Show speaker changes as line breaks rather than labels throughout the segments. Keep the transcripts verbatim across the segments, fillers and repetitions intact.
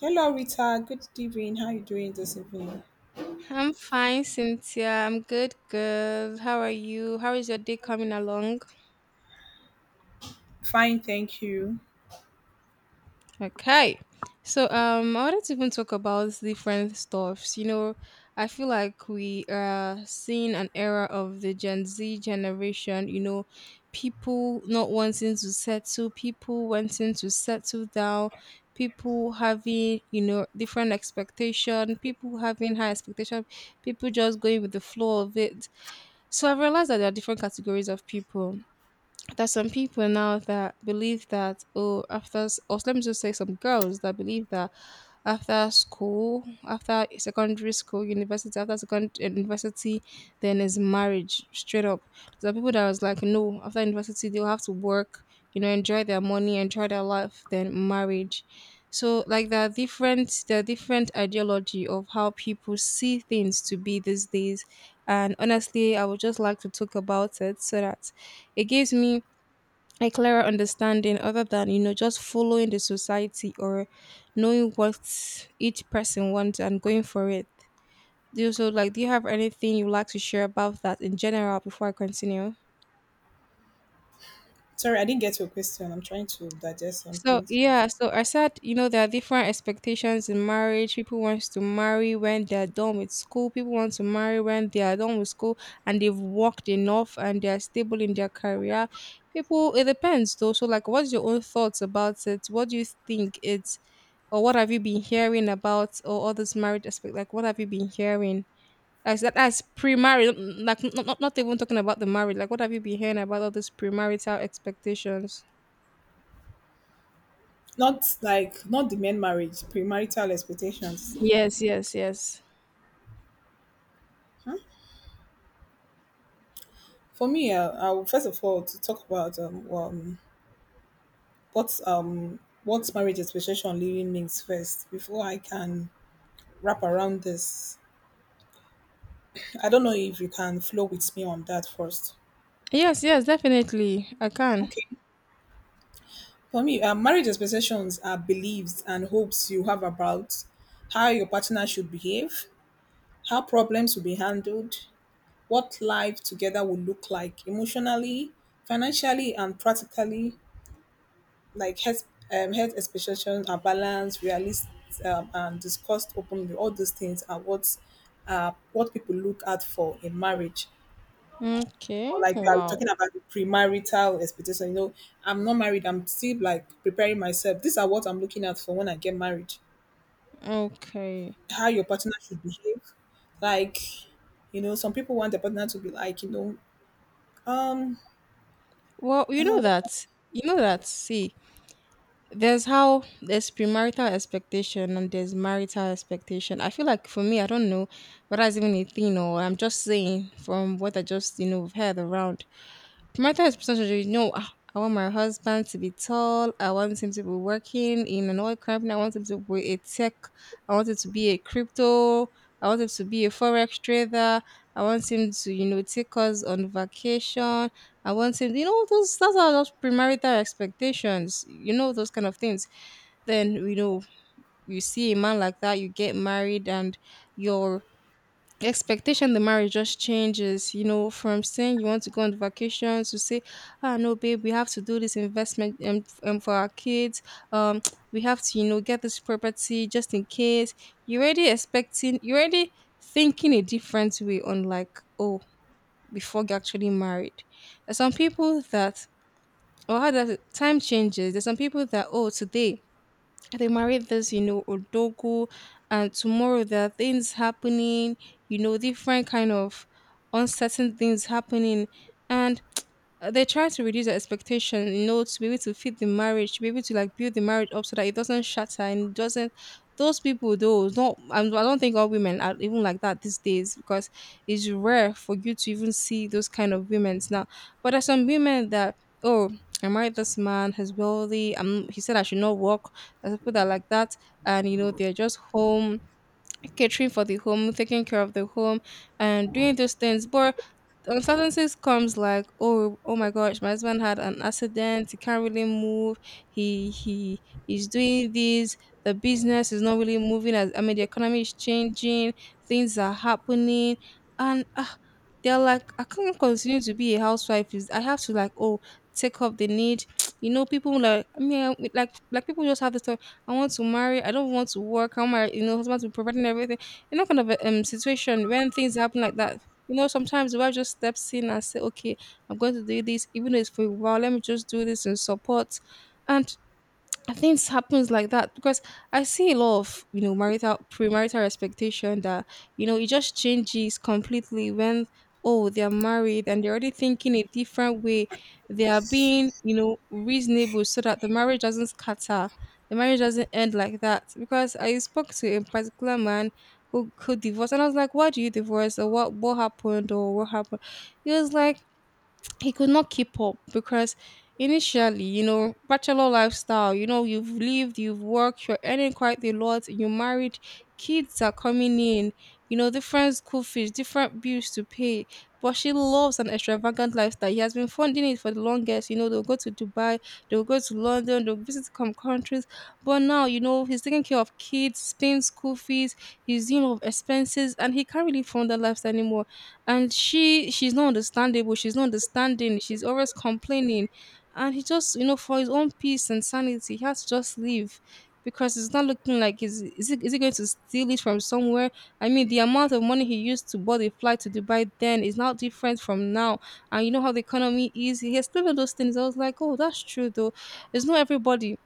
Hello, Rita. Good evening. How are you doing this evening?
I'm fine, Cynthia. I'm good, good. How are you? How is your day coming along?
Fine, thank you.
Okay. So um I wanted to even talk about different stuffs. You know, I feel like we are seeing an era of the Gen Z generation, you know, people not wanting to settle, people wanting to settle down, people having, you know, different expectation, people having high expectation, people just going with the flow of it. So I've realized that there are different categories of people. There's some people now that believe that, oh, after s- or let me just say, some girls that believe that after school, after secondary school university, after secondary university, then is marriage, straight up. There are people that was like, no, after university they'll have to work, you know enjoy their money, enjoy their life, then marriage. So like, there are different, there are different ideology of how people see things to be these days. And honestly, I would just like to talk about it so that it gives me a clearer understanding, other than, you know just following the society, or knowing what each person wants and going for it. Do you so like do you have anything you like to share about that in general before I continue?
Sorry, I didn't get your question. I'm trying to digest some
So
things.
yeah, so I said, you know there are different expectations in marriage. People wants to marry when they're done with school, people want to marry when they are done with school and they've worked enough and they're stable in their career. People, it depends though. So like, what's your own thoughts about it? What do you think it's, or what have you been hearing about, or all this marriage aspect? Like, what have you been hearing as that, as pre-marriage? Like, not, not, not even talking about the marriage, like, what have you been hearing about all these premarital expectations?
Not like not the main marriage, premarital expectations.
Yes, yes, yes.
Huh? For me, uh, I would first of all to talk about um, um what um what marriage expectation really means first before I can wrap around this. I don't know if you can flow with me on that first.
Yes, yes, definitely, I can.
Okay. For me, um, marriage expectations are beliefs and hopes you have about how your partner should behave, how problems will be handled, what life together will look like emotionally, financially, and practically. Like health, um, health expectations are balanced, realistic, um, and discussed openly. All those things are what uh, what people look out for in marriage.
Okay,
Or like you are
wow.
talking about the premarital expectation. You know, I'm not married. I'm still like preparing myself. These are what I'm looking at for when I get married.
Okay.
How your partner should behave. Like you know, some people want their partner to be like you know, um,
Well, you know
uh,
that you know that see, there's how, there's premarital expectation and there's marital expectation. I feel like, for me, I don't know whether it's even a thing, or I'm just saying from what I just, you know heard around. Premarital expectation, you know, "Ah, I want my husband to be tall. I want him to be working in an oil company. I want him to be a tech. I want him to be a crypto. I want him to be a forex trader. I want him to, you know take us on vacation. I want him." You know, those those are those premarital expectations. You know, those kind of things. Then, you know, you see a man like that, you get married, and your expectation, the marriage just changes. You know, from saying you want to go on vacation to say, ah, no, babe, we have to do this investment, um, f- um for our kids. Um, we have to, you know, get this property just in case. You're already expecting, you're already thinking a different way on, like, oh, before you actually married. There's some people that, or how that time changes. There's some people that, oh, today they married this, you know, Odogo, and tomorrow there are things happening, you know, different kind of uncertain things happening. And uh, they try to reduce the expectation, you know, to be able to fit the marriage, to be able to like build the marriage up, so that it doesn't shatter and it doesn't. Those people, though, don't. I I don't think all women are even like that these days, because it's rare for you to even see those kind of women now. But there's some women that, oh, I married this man, he's wealthy. Um, he said I should not work. There's people that are like that, and you know, they're just home, catering for the home, taking care of the home, and doing those things. But uncertainties comes like, oh, oh my gosh, my husband had an accident, he can't really move, he he is doing this, the business is not really moving as, I mean, the economy is changing, things are happening. And uh, they're like, I can't continue to be a housewife, is I have to like, oh, take up the need. You know, people like, I mean, I- like like people just have this thought, I want to marry, I don't want to work, how my, you know, husband to be providing everything, you know, kind of a um, situation. When things happen like that, you know, sometimes the wife just steps in and say, "Okay, I'm going to do this, even though it's for a while. Let me just do this and support." And I think it happens like that because I see a lot of, you know, marital, premarital expectation that, you know, it just changes completely when, oh, they are married and they're already thinking a different way. They are being, you know, reasonable, so that the marriage doesn't scatter, the marriage doesn't end like that. Because I spoke to a particular man who who divorced, and I was like, why do you divorce, or what what happened, or what happened? He was like, he could not keep up because initially, you know, bachelor lifestyle, you know, you've lived, you've worked, you're earning quite a lot, you married, kids are coming in, you know, different school fees, different bills to pay. But she loves an extravagant lifestyle. He has been funding it for the longest. You know, they'll go to Dubai, they'll go to London, they'll visit some countries. But now, you know, he's taking care of kids, paying school fees, he's dealing with expenses, and he can't really fund that lifestyle anymore. And she she's not understandable, she's not understanding, she's always complaining. And he just, you know, for his own peace and sanity, he has to just leave, because it's not looking like, is is it, is he going to steal it from somewhere? I mean, the amount of money he used to buy the flight to Dubai then is now different from now. And you know how the economy is. He explained all those things. I was like, oh, that's true though. It's not everybody,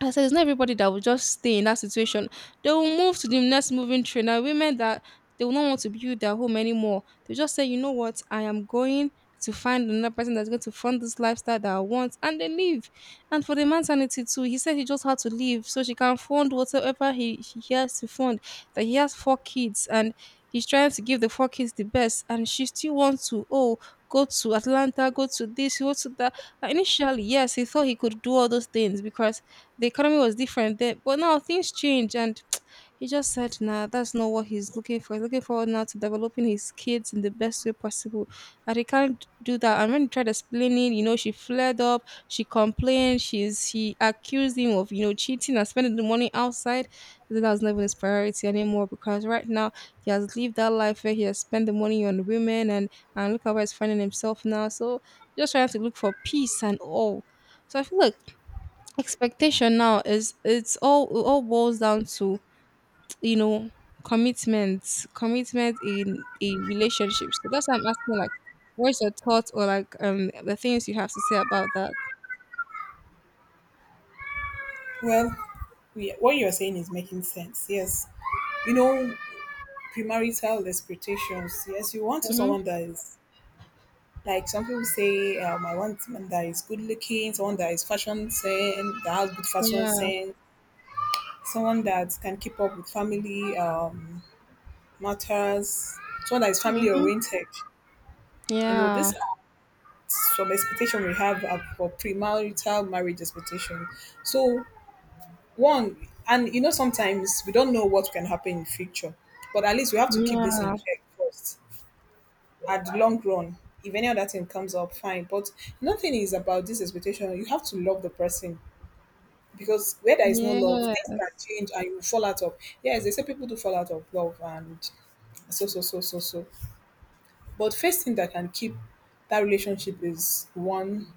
I said, it's not everybody that will just stay in that situation. They will move to the next moving train. Now, women that, they will not want to build their home anymore. They just say, you know what, I am going to find another person that's going to fund this lifestyle that I want, and they leave. And for the man's sanity too, he said he just had to leave so she can fund whatever he, he has to fund. That he has four kids, and he's trying to give the four kids the best. And she still wants to, oh, go to Atlanta, go to this, go to that. Initially, yes, he thought he could do all those things because the economy was different then. But now things change, and he just said, "Nah, that's not what he's looking for. He's looking forward now to developing his kids in the best way possible, and he can't do that." And when he tried explaining, you know, she flared up, she complained, she's she accused him of, you know, cheating and spending the money outside. He said, that was not even his priority anymore, because right now he has lived that life where he has spent the money on women. and and look at where he's finding himself now. So, just trying to look for peace and all. So I feel like expectation now is, it's all it all boils down to, you know, commitment, commitment in a relationship. So that's why I'm asking, like, what's your thoughts, or like, um the things you have to say about that?
well, we, what you're saying is making sense. Yes, you know, premarital expectations. Yes, you want to
Mm-hmm.
someone that is. Like some people say, um, I want someone that is good looking, someone that is fashion sense, that has good fashion
Yeah.
sense, someone that can keep up with family um, matters, someone that is family
Mm-hmm.
oriented. You know,
Yeah.
this acts some expectation we have are for premarital marriage expectation. So one, and you know, sometimes we don't know what can happen in future, but at least we have to keep this in
Yeah.
check first at the long run. If any other thing comes up, fine. But nothing is about this expectation. You have to love the person because where there is no love,
Yeah.
things can change and you fall out of. Yes, they say people do fall out of love and so so so so so. But first thing that can keep that relationship is one,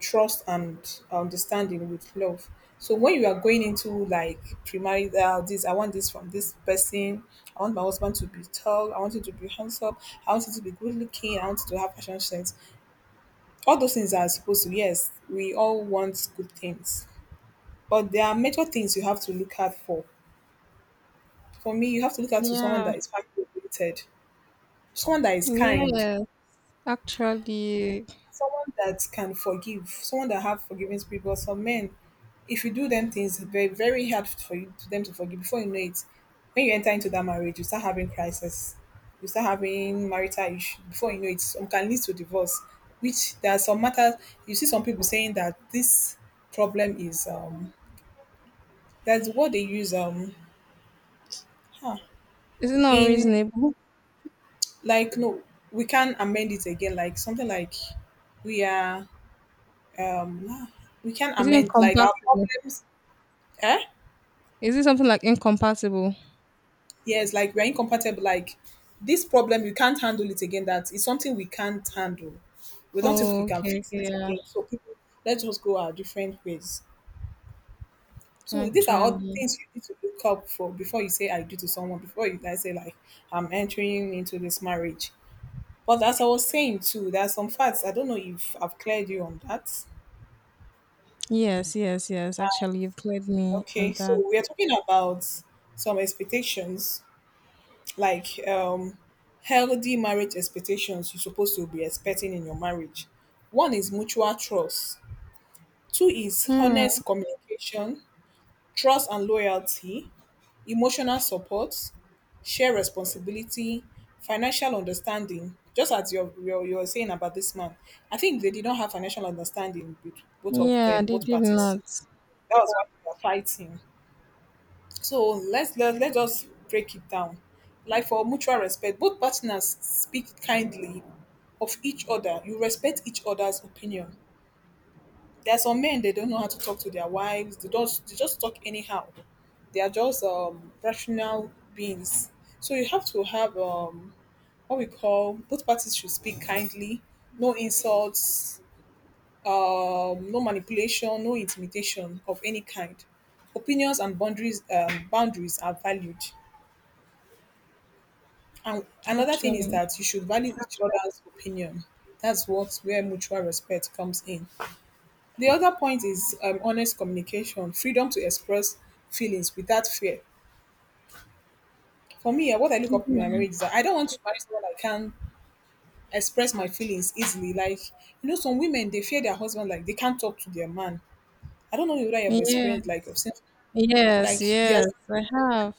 trust and understanding with love. So when you are going into like premarital, this I want this from this person. I want my husband to be tall. I want him to be handsome. I want him to be good looking. I want him to have fashion sense. All those things are supposed to. Yes, we all want good things, but there are major things you have to look out for. For me, you have to look out to someone
Yeah.
that is family oriented, someone that is kind,
Yeah. Actually,
someone that can forgive, someone that have forgiving spirit. But some men, if you do them things, it's very very hard for you to them to forgive. Before you know it, when you enter into that marriage, you start having crisis, you start having marital issue. Before you know it, some can lead to divorce. Which there are some matters you see some people saying that this problem is um that's what they use um
it's not
in
reasonable.
like no we can amend it again like something like we are um we can
Is it
amend like our
incompatible?
problems. Eh,
Is it something like incompatible?
yes, like we're incompatible. Like this problem, you can't handle it again. That is something we can't handle. We don't think we
Oh,
can
okay,
fix
okay,
it
yeah.
again. So people, let's just go our different ways. So these are all
Actually,
things you need to look up for before you say I do to someone. Before you guys say like I'm entering into this marriage. But as I was saying too, there are some facts. I don't know if I've cleared you on that.
yes, yes, yes. Actually, you've cleared me on
Okay,
that.
so we are talking about some expectations like um healthy marriage expectations you're supposed to be expecting in your marriage. One is mutual trust. Two is
Hmm.
honest communication, trust and loyalty, emotional support, share responsibility, financial understanding. Just as you're, you're, you're saying about this man, I think they did not have financial understanding with both of
Yeah,
them,
they
both
did
parties.
not.
That was why they were fighting. So let's let, let's just break it down. Like for mutual respect, both partners speak kindly of each other. You respect each other's opinion. There are some men they don't know how to talk to their wives. They don't they just talk anyhow. They are just um, rational beings. So you have to have um, what we call both parties should speak kindly, no insults, um, no manipulation, no intimidation of any kind. Opinions and boundaries, um, boundaries are valued. And another thing is
Actually,
that you should value each other's opinion. That's what where mutual respect comes in. The other point is um, honest communication, freedom to express feelings without fear. For me, uh, what I look up in my marriage is that I don't want to marry someone I can express my feelings easily. Like you know, some women they fear their husband, like they can't talk to their man. I don't know whether you have
yeah.
experienced like of since,
Yes,
like they are
yes, yes. I have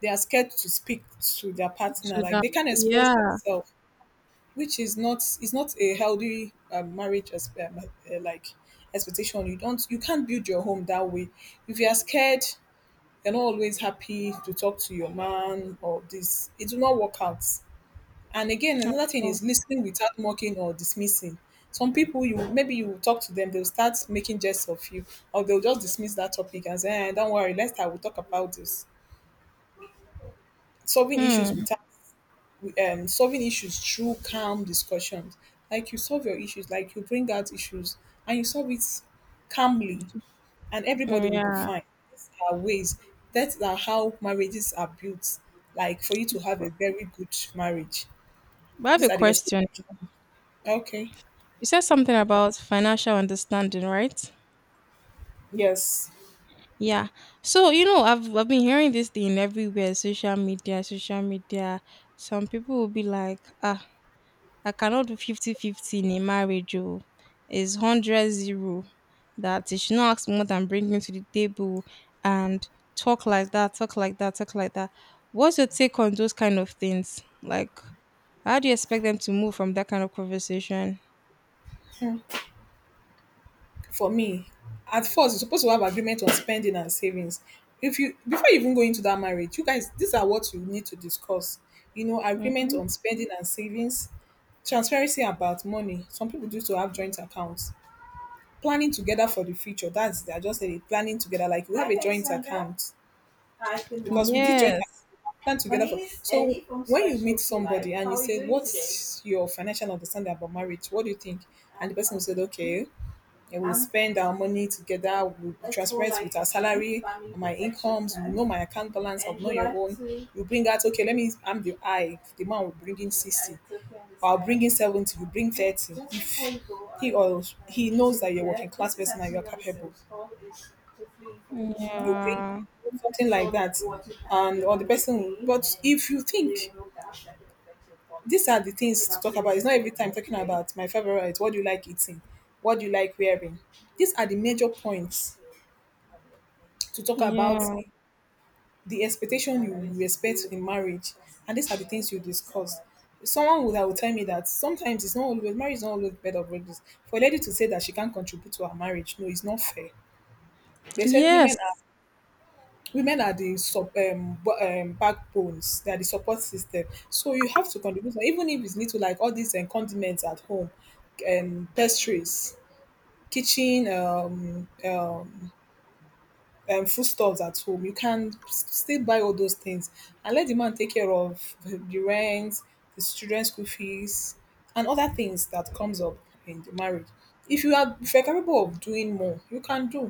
they are scared to speak to their partner,
to
like
that.
they can't express
Yeah.
themselves. Which is not is not a healthy um, marriage as, um, uh, like expectation you don't you can't build your home that way if you are scared, you're not always happy to talk to your man or this it will not work out. And again another thing
Oh,
is listening without mocking or dismissing. Some people you maybe you will talk to them they'll start making jests of you or they'll just dismiss that topic and say eh, don't worry let's I will talk about this. Solving issues
Hmm.
without um, solving issues through calm discussions. Like you solve your issues, like you bring out issues and you solve it calmly, and everybody will be
Yeah.
fine. These are ways. That are how marriages are built. Like for you to have a very good marriage,
But I have
these
a
are the
question.
expectations. Okay.
You said something about financial understanding, right?
Yes.
Yeah. So, you know, I've I've been hearing this thing everywhere, social media, social media. Some people will be like, ah, I cannot do fifty fifty in a marriage. Oh. It's one hundred zero. That you should not ask me what I'm bringing to the table, and talk like that, talk like that, talk like that. What's your take on those kind of things? Like, how do you expect them to move from that kind of conversation?
For me, at first you're supposed to have agreement on spending and savings. If you before you even go into that marriage, you guys, these are what you need to discuss. You know, agreement
Mm-hmm.
on spending and savings, transparency about money. Some people do to have joint accounts. Planning together for the future. That's it. I just said it. Planning together. Like we have a joint account because with this joint
Yes.
account, plan together. For, so when you meet somebody and you say, "What's your financial understanding about marriage? What do you think?" and the person will say, "Okay, and we'll spend our money together. We'll be transparent with our salary, my incomes. We'll know my account balance, I'll know your own. You bring out, okay, let me, I'm the I. The man will bring in sixty. I'll bring in seventy, you bring thirty. If he or he knows that you're a working class person and you're capable, you bring
Yeah.
something like that. And or the person, but if you think these are the things to talk about. It's not every time talking about my favorite. What do you like eating? What do you like wearing? These are the major points to talk about
Yeah.
the expectation you will expect in marriage, and these are the things you discuss. Someone would I would tell me that sometimes it's not always marriage is not always bed of roses. For a lady to say that she can't contribute to her marriage, no, it's not fair. They said
Yes.
women are women are the sub um, bo- um backbones, they are the support system. So you have to contribute, even if it's little like all these um, condiments at home, um pastries, kitchen um, um um, foodstuffs at home. You can s- still buy all those things and let the man take care of the the rent, his children's school fees, and other things that comes up in the marriage. If you are if you're capable of doing more, you can do.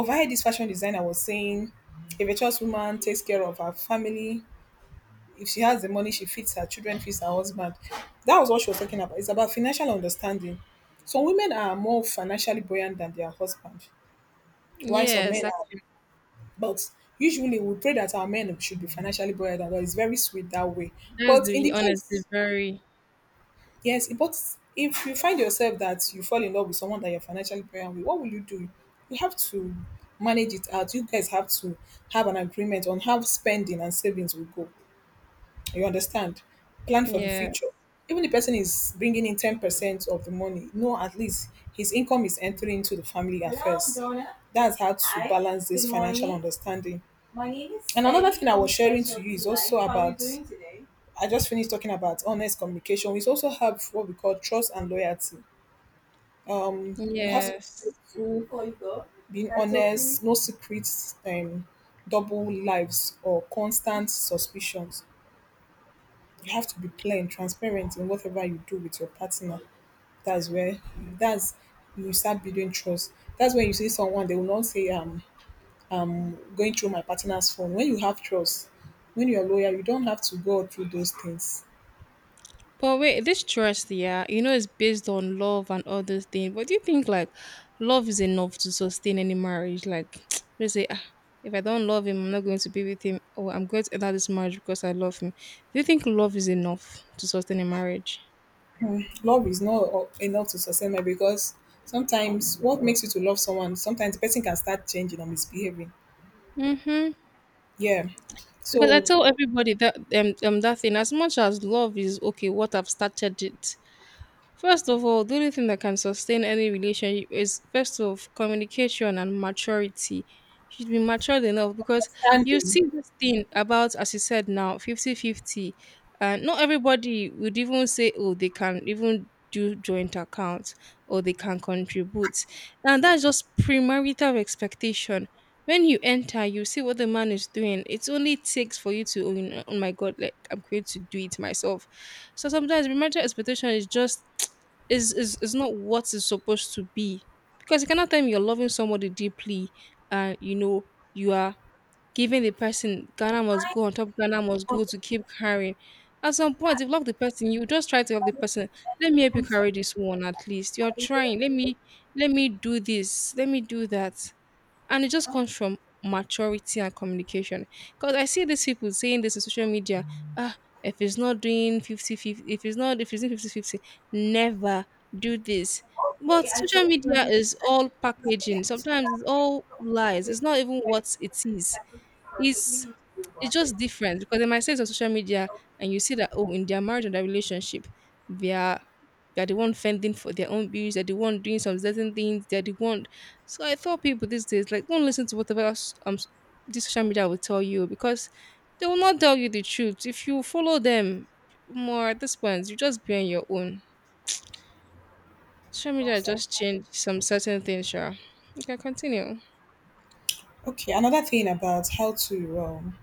Over here, this fashion designer was saying, a virtuous woman takes care of her family. If she has the money, she feeds her children, feeds her husband. That was what she was talking about. It's about financial understanding. Some women are more financially buoyant than their husband, while some
Yes,
men are
actually,
but usually we pray that our men should be financially buoyed and it's very sweet that way.
that's
But in
the
the
honestly
case,
very,
yes, but if you find yourself that you fall in love with someone that you're financially buoyed with, what will you do? You have to manage it out. You guys have to have an agreement on how spending and savings will go. You understand? Plan for the
yeah,
future. Even the person is bringing in ten percent of the money, no, at least his income is entering into the family affairs. That's how to balance this financial understanding. And another thing I was sharing to you is also about I just finished talking about honest communication. We also have what we call trust and loyalty. Um, you have to
yes.
be faithful, being honest, no secrets, um, double lives or constant suspicions. You have to be plain, transparent in whatever you do with your partner. That's where that's You start building trust. That's when you see someone, they will not say, "I'm going through my partner's phone." When you have trust, when you're loyal, you don't have to go through those things.
But wait, this trust, yeah, you know, it's based on love and all those things. But do you think like love is enough to sustain any marriage? Like, they say, ah, if I don't love him, I'm not going to be with him, or I'm going to enter this marriage because I love him. Do you think love is enough to sustain a marriage?
Hmm, love is not o- enough to sustain marriage because sometimes what makes you to love someone, sometimes the person can start changing or misbehaving.
Mm-hmm.
Yeah.
Because I
So
tell everybody that um, um that thing, as much as love is okay, what I've started it. First of all, the only thing that can sustain any relationship is first of communication and maturity. You should be matured enough because you
understanding.
see this thing about, as you said now, fifty-fifty. And not everybody would even say, oh, they can even do joint accounts or they can contribute. And that's just premarital expectation. When you enter, you see what the man is doing. It only takes for you to, oh, you know, oh my God, like, I'm going to do it myself. So sometimes the marital expectation is just is is is not what it's supposed to be, because you cannot tell me you're loving somebody deeply and you know you are giving the person Ghana must go on top Ghana must go to keep carrying. At some point, if you love the person, you just try to help the person. Let me help you carry this one at least. You're trying. Let me let me do this. Let me do that. And it just comes from maturity and communication, because I see these people saying this in social media. Ah, if it's not doing fifty fifty, if it's not if it's doing 50 fifty, never do this. But social media is all packaging. Sometimes it's all lies. It's not even what it is. It's it's just different, because they might say it's on social media, and you see that, oh, in their marriage and their relationship, they are they're the one fending for their own bills, they're the one doing some certain things, they're the one. So I thought people these days, like, don't listen to whatever else, um s- this social media will tell you, because they will not tell you the truth. If you follow them more at this point, you just be on your own. Social media just changed some certain things, sure. You can continue.
Okay, another thing about how to um,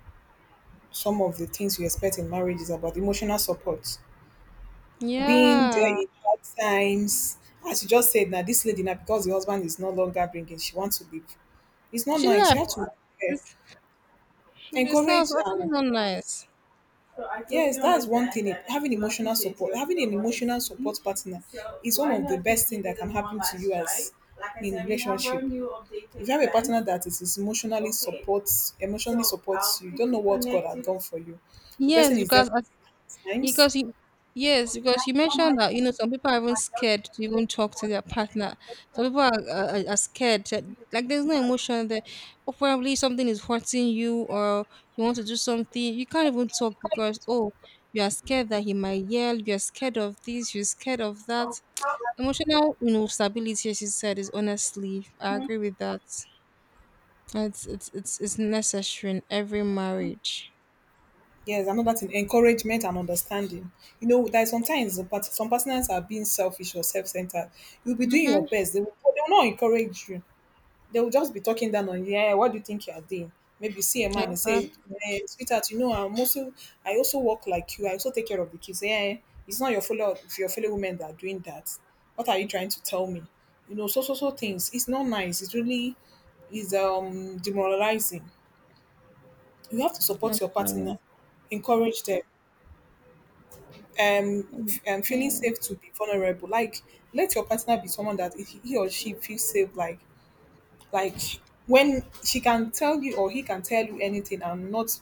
some of the things you expect in marriage is about emotional support. Being
Yeah,
there in hard times. As you just said, now this lady now because the husband is no longer bringing, she wants to leave. It's not
she
nice. You
left.
have to eh,
It's, it's not, it's
encourage.
actually
Um,
not nice.
yes, that's one thing. eh, Having emotional support, having an emotional support partner, is one of the best thing that can happen to you as in relationship. If you have a partner that is, is emotionally supports, emotionally supports you, you don't know what God has done for you. The
Yes,
person is there
because
for you at times.
Because you, yes, because you mentioned that you know some people are even scared to even talk to their partner. Some people are, are, are scared, that, like, there's no emotion there. Or probably something is hurting you, or you want to do something, you can't even talk because, oh, you are scared that he might yell. You're scared of this. You're scared of that. Emotional, you know, stability, as you said, is honestly, I agree with that. It's it's it's, it's necessary in every marriage.
Yes, another thing, encouragement and understanding. You know, that sometimes the part- some partners are being selfish or self-centered. You'll be doing
Mm-hmm.
your best. They will, they will not encourage you. They will just be talking down on you. Yeah, what do you think you are doing? Maybe you see a man and say,
Exactly.
eh, "Sweetheart, you know, I'm also, I also work like you. I also take care of the kids. Yeah, it's not your fellow, your fellow women that are doing that. What are you trying to tell me? You know, so, so, so things. It's not nice. It's really, is um demoralizing. You have to support your partner,
Actually.
encourage them. Um, f- um feeling
Mm.
safe to be vulnerable, like let your partner be someone that he he or she feels safe, like like when she can tell you or he can tell you anything and not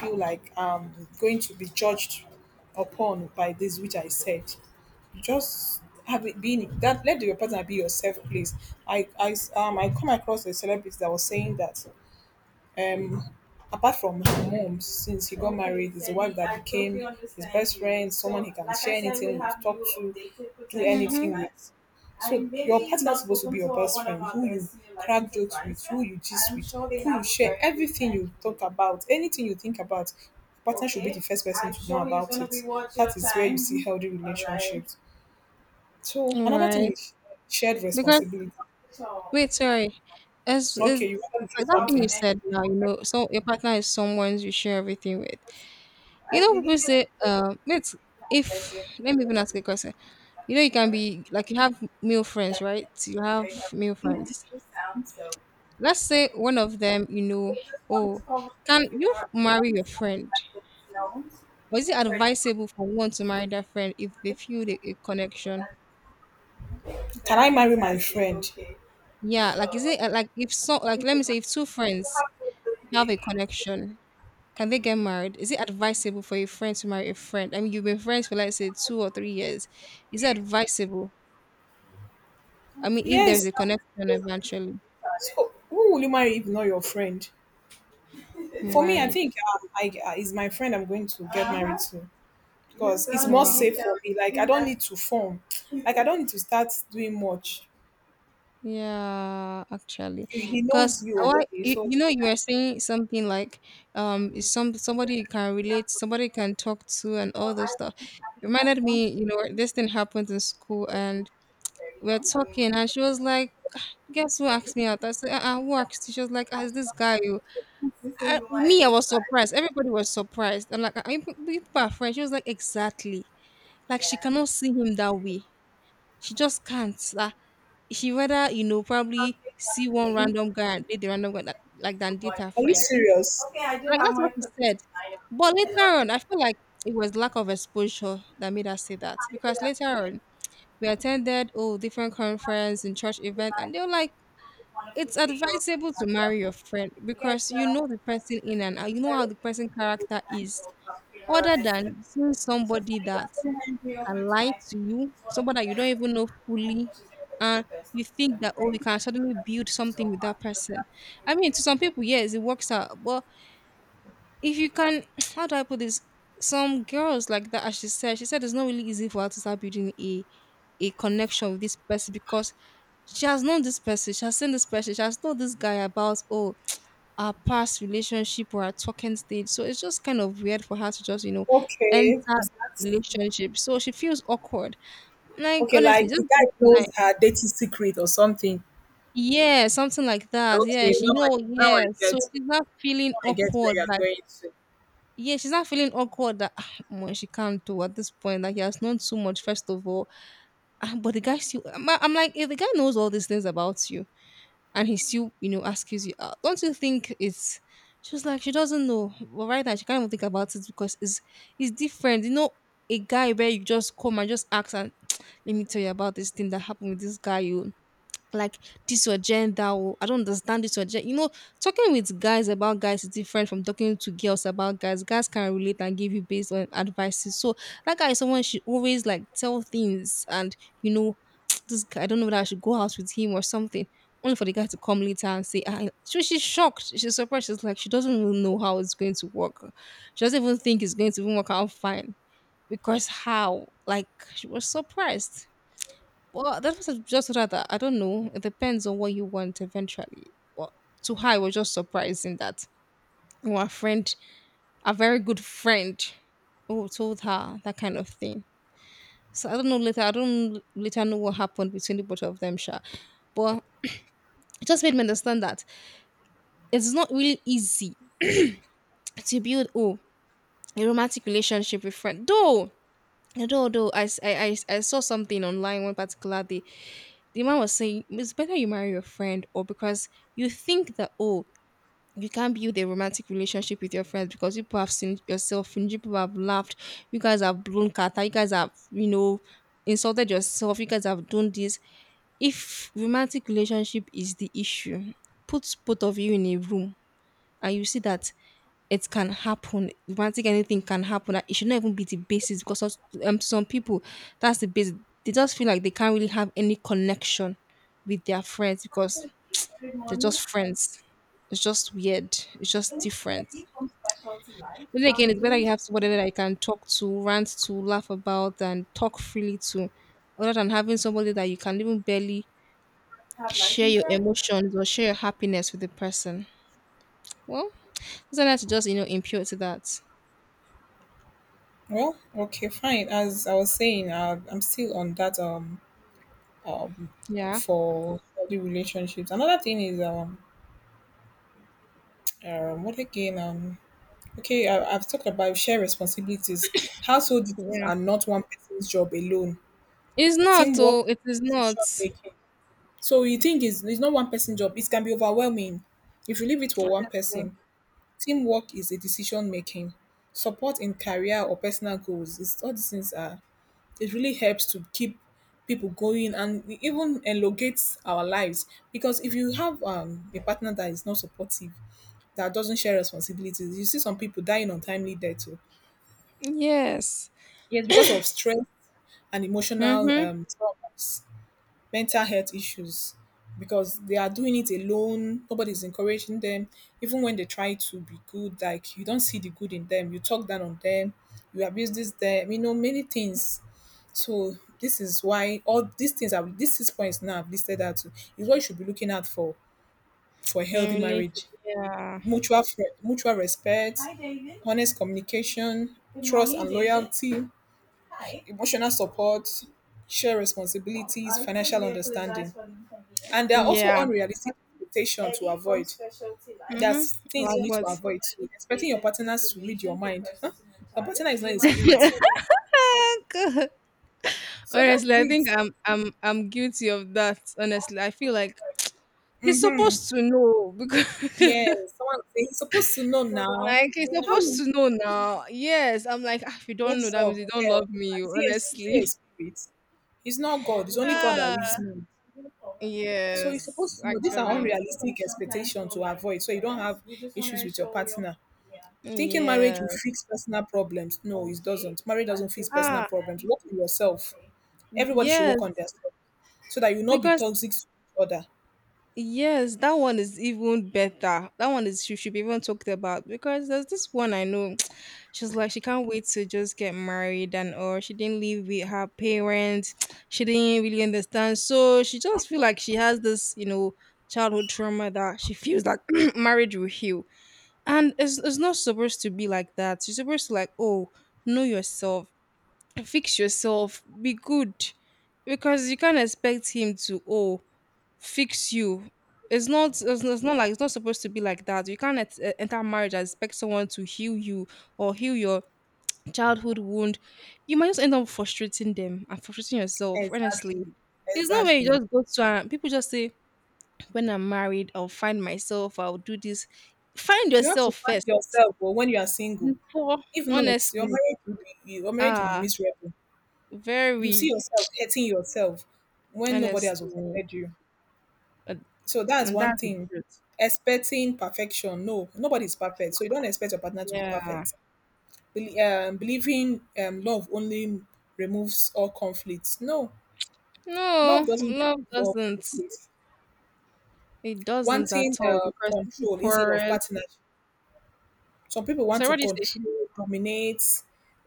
feel like um going to be judged upon by this which I said. Just have it been that let your partner be yourself, please. I i s- um i come across a celebrity that was saying that um apart from her mom, since he got married, his wife that became his best friend, someone he can share anything with, talk to, do
Mm-hmm.
anything with. So your partner is supposed to be your best friend, who you crack jokes with, who you gist with, who you share everything, you talk about anything you think about. Partner should be the first person to know about it. That is where you see healthy relationships. So another thing
Right.
is shared
Because
responsibility.
wait, sorry. As is,
Okay, you want to do
like that thing you
something.
said now, you know, so your partner is someone you share everything with. You know, people say, um, wait, if let me even ask a question. You know, you can be like, you have male friends, right? You have male friends. Let's say one of them, you know, oh, can you marry your friend? Or is it advisable for one to marry their friend if they feel the a connection?
Can I marry my friend?
Yeah, like is it uh, like if so, like, let me say if two friends have a connection? Can they get married? Is it advisable for a friend to marry a friend? I mean, you've been friends for, let's say, two or three years. Is it advisable? I mean, if there is
Yes.
a connection eventually,
So who will you marry if not your friend? For me, I
right?
think um, I uh, is my friend I'm going to get married to because it's more
Wow.
safe for me. Like I don't need to form, like I don't need to start doing much.
Yeah, actually,
He he
because
knows you
why
already,
you,
so.
you know you were saying something like um is some somebody you can relate, somebody can talk to, and all those stuff. Reminded me, you know, this thing happened in school, and we're talking, and she was like, "Guess who asked me out?" I said, uh-uh, who asked you? She was like, "Ah, it's this guy. Who—" I, me, I was surprised. Everybody was surprised. I'm like, "Are you pe- you people are friends." She was like, exactly. Like, she cannot see him that way. She just can't. Like, she rather, you know, probably see one random guy and date the random guy, that, like, than date her
Are you
friend.
serious?
Like, that's what she said. But later on, I feel like it was lack of exposure that made her say that. Because later on, we attended, oh, different conference and church event, and they were like, it's advisable to marry your friend because you know the person in and out. You know how the person character is. Other than seeing somebody that can lie to you, somebody that you don't even know fully, and you think that, oh, we can suddenly build something with that person. I mean, to some people, yes, it works out, but if you can how do I put this, some girls like that, as she said, she said it's not really easy for her to start building a a connection with this person, because she has known this person, she has seen this person, she has told this guy about, oh, our past relationship or our talking stage, so it's just kind of weird for her to just, you know, enter
Okay.
the relationship, so she feels awkward, like,
Okay,
honestly,
like
just
the guy knows her dating secret or something.
yeah, something like that, yeah,
Okay,
she, you
now I
know,
now
yeah,
I
so
get
she's not feeling
now I get where
awkward.
you're going to.
Yeah, she's not feeling awkward that, "Ah, omo, she can't do at this point. Like, he has known too much, first of all. Ah, but the guy still, I'm, I'm like, if the guy knows all these things about you and he still, you know, asks you out, don't you think it's? She was like, she doesn't know. But right now, she can't even think about it because it's it's different. You know, a guy where you just come and just ask and let me tell you about this thing that happened with this guy. You like this your gender, oh, I don't understand this your gender. You know, talking with guys about guys is different from talking to girls about guys. Guys can relate and give you based on advices. So that guy is someone she always like tell things and, you know, this guy, I don't know whether I should go out with him or something. Only for the guy to come later and say, I so she's shocked. She's surprised. She's like, she doesn't even know how it's going to work. She doesn't even think it's going to even work out fine. Because how? Like, she was surprised. Well, that was just rather, I don't know. It depends on what you want eventually. But to her, it was just surprising that our friend, a very good friend, who told her that kind of thing. So I don't know later. I don't later know what happened between the both of them, sure. But it just made me understand that it's not really easy to build, oh, a romantic relationship with friend. Though, though, though, I, s- I, I, I saw something online one particular day, the man was saying it's better you marry your friend or because you think that, oh, you can't build a romantic relationship with your friends because you people have seen yourself and you people have laughed, you guys have blown kata, you guys have, you know, insulted yourself, you guys have done this. If romantic relationship is the issue, put both of you in a room and you see that it can happen. Romantic, anything can happen. Like, it should not even be the basis because us- um, some people, that's the basis. They just feel like they can't really have any connection with their friends because they're just friends. It's just weird. It's just different. But then again, it's better you have somebody that you can talk to, rant to, laugh about, and talk freely to, other than having somebody that you can even barely share your emotions or share your happiness with the person. Well, is not to just, you know, impute to that.
Well, okay, fine. As I was saying, uh, I'm still on that um um
Yeah.
for healthy relationships. Another thing is um um what again um okay, I, I've talked about shared responsibilities. Household duties
Yeah.
are not one person's job alone.
It's not,
Teamwork,
oh, it is not.
decision making. So you think it's, it's not one person job. It can be overwhelming if you leave it for one
Honestly.
person. Teamwork is a decision making. Support in career or personal goals. It's, all these things are. It really helps to keep people going, and it even elongates our lives because if you have um, a partner that is not supportive, that doesn't share responsibilities, you see some people dying untimely death. Too.
Yes.
Yes, because of stress and emotional
Mm-hmm.
um, traumas. Mental health issues because they are doing it alone. Nobody's encouraging them. Even when they try to be good, like you don't see the good in them. You talk down on them. You abuse this them. You know many things. So this is why all these things are, these six points now I've listed out to, is what you should be looking out for for a healthy
Really?
marriage.
Yeah.
Mutual fre- mutual respect, honest communication, trust and loyalty, Hi. Emotional support, share responsibilities, financial understanding. And there are also
Yeah.
unrealistic expectations to avoid.
Mm-hmm.
There's things
Like
you need to
what?
avoid. Expecting your partners to read your mind. Huh? Your partner is not a spirit.
God.
So
Honestly,
that's
I think
it.
I'm I'm I'm guilty of that. Honestly, I feel like he's
Mm-hmm.
supposed to know because
Yes, someone will say he's supposed to know now.
like he's
How
supposed
will
to
he-
know now. Yes, I'm like, "Ah, if you don't know,
what's
that means
up,
you don't
girl?
love me.
Is he a, is he
Honestly."
a spirit? He's not God. It's only God that
Ah.
reads me. So you're
Yes,
supposed to know these are
actually.
unrealistic expectations to avoid so you don't have issues with your partner. Thinking marriage will
Yes.
fix personal problems. No, it doesn't. Marriage doesn't fix personal
Ah.
problems. Work on yourself. Everybody should
Yes,
work on themselves so that you will not be
because
toxic to each other.
yes, that one is even better. That one is she should be even talked about, because there's this one I know. She's like she can't wait to just get married and or she didn't live with her parents. She didn't really understand, so she just feel like she has this, you know, childhood trauma that she feels like marriage will heal. And it's it's not supposed to be like that. You're supposed to, like, oh, know yourself, fix yourself, be good because you can't expect him to, oh, fix you. It's not. It's, it's not, like, it's not supposed to be like that. You can't et- eh, enter marriage and expect someone to heal you or heal your childhood wound. You might just end up frustrating them and frustrating yourself. Honestly,
Exactly.
it's not when you
Exactly.
just go to and people just say, "When I'm married, I'll find myself. I'll do this." Find
You have to
yourself
find
first
yourself or when you are single.
before.
If not, your
Honestly,
marriage will be your marriage will be
ah,
miserable. You see
very
yourself hurting yourself when nobody has
honestly,
offended you.
and
So that's
and
one
that's the
thing.
truth.
Expecting perfection, no, nobody's perfect. So you don't expect your partner to be
Yeah.
perfect. Bel- Um, believing um, love only removes all conflicts. No, love
No,
doesn't
love
remove all
doesn't.
conflicts.
It doesn't
Wanting
at all
uh,
because people
control instead of
quarrel.
partnership. Some people want
So
to
what do you say?
control, dominate.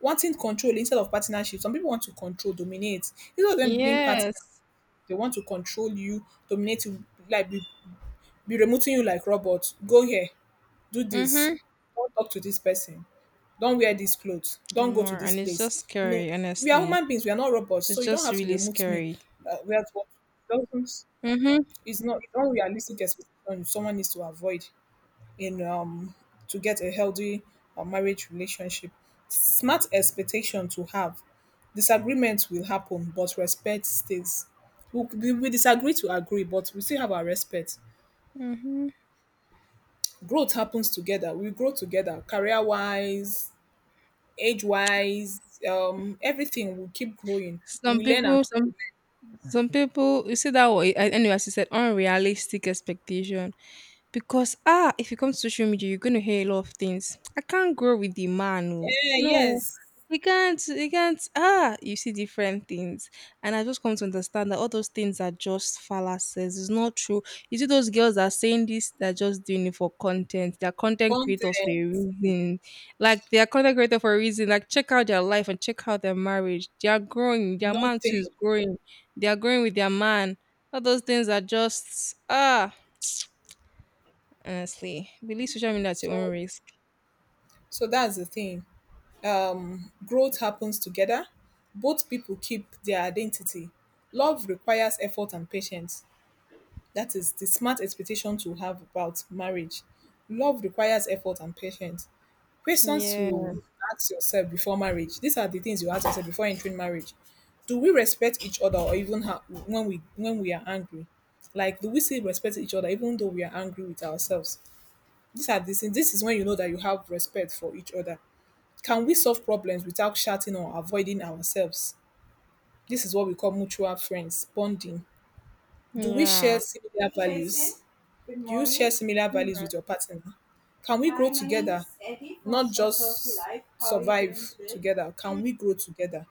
Wanting control instead of partnership. Some people want to control, dominate. Instead of them being partner,
Yes.
they want to control you, dominate you, like be, be remoting you like robots. Go here, do this.
Mm-hmm.
Don't talk to this person, don't wear these clothes. Don't go to
More.
this
And it's
place.
just
You know,
scary,
we are
honestly.
human beings, we are not robots,
It's
so you don't
just
have to
really
remove me.
scary.
Uh, whereas what doesn't
Mm-hmm.
is not it's unrealistic expectation someone needs to avoid in um to get a healthy uh, marriage relationship. Smart expectation to have. Disagreements will happen, but respect stays. We, we, we disagree to agree, but we still have our respect.
Mm-hmm.
Growth happens together. We grow together, career wise, age wise, um, everything will keep growing.
Some
We learn and
people, some some people, you see that way. Anyway, as you said, unrealistic expectation. Because ah, if you come to social media, you're gonna hear a lot of things. I can't grow with the man. Oh.
eh,
No,
yes,
you can't. You can't. Ah, you see different things, and I just come to understand that all those things are just fallacies. It's not true. You see those girls that are saying this, they're just doing it for content. They're content creators for
content,
a reason. Like, they are content creator for a reason. Like, check out their life and check out their marriage. They are growing. Their man too is
nothing.
growing. They are growing with their man. All those things are just ah. Honestly, believe social media at your own
So
risk.
so that's the thing. Um, growth happens together. Both people keep their identity. Love requires effort and patience. That is the smart expectation to have about marriage. Love requires effort and patience. Questions
Yeah,
to ask yourself before marriage. These are the things you ask yourself before entering marriage. Do we respect each other, or even ha- when we when we are angry? Like, do we still respect each other even though we are angry with ourselves? These are the things. This is when you know that you have respect for each other. Can we solve problems without shouting or avoiding ourselves? This is what we call mutual friends bonding. Do we share
yeah,
similar values? Do you share similar values with your partner? Can we grow together, not just survive together?
mhm,
Can we grow together?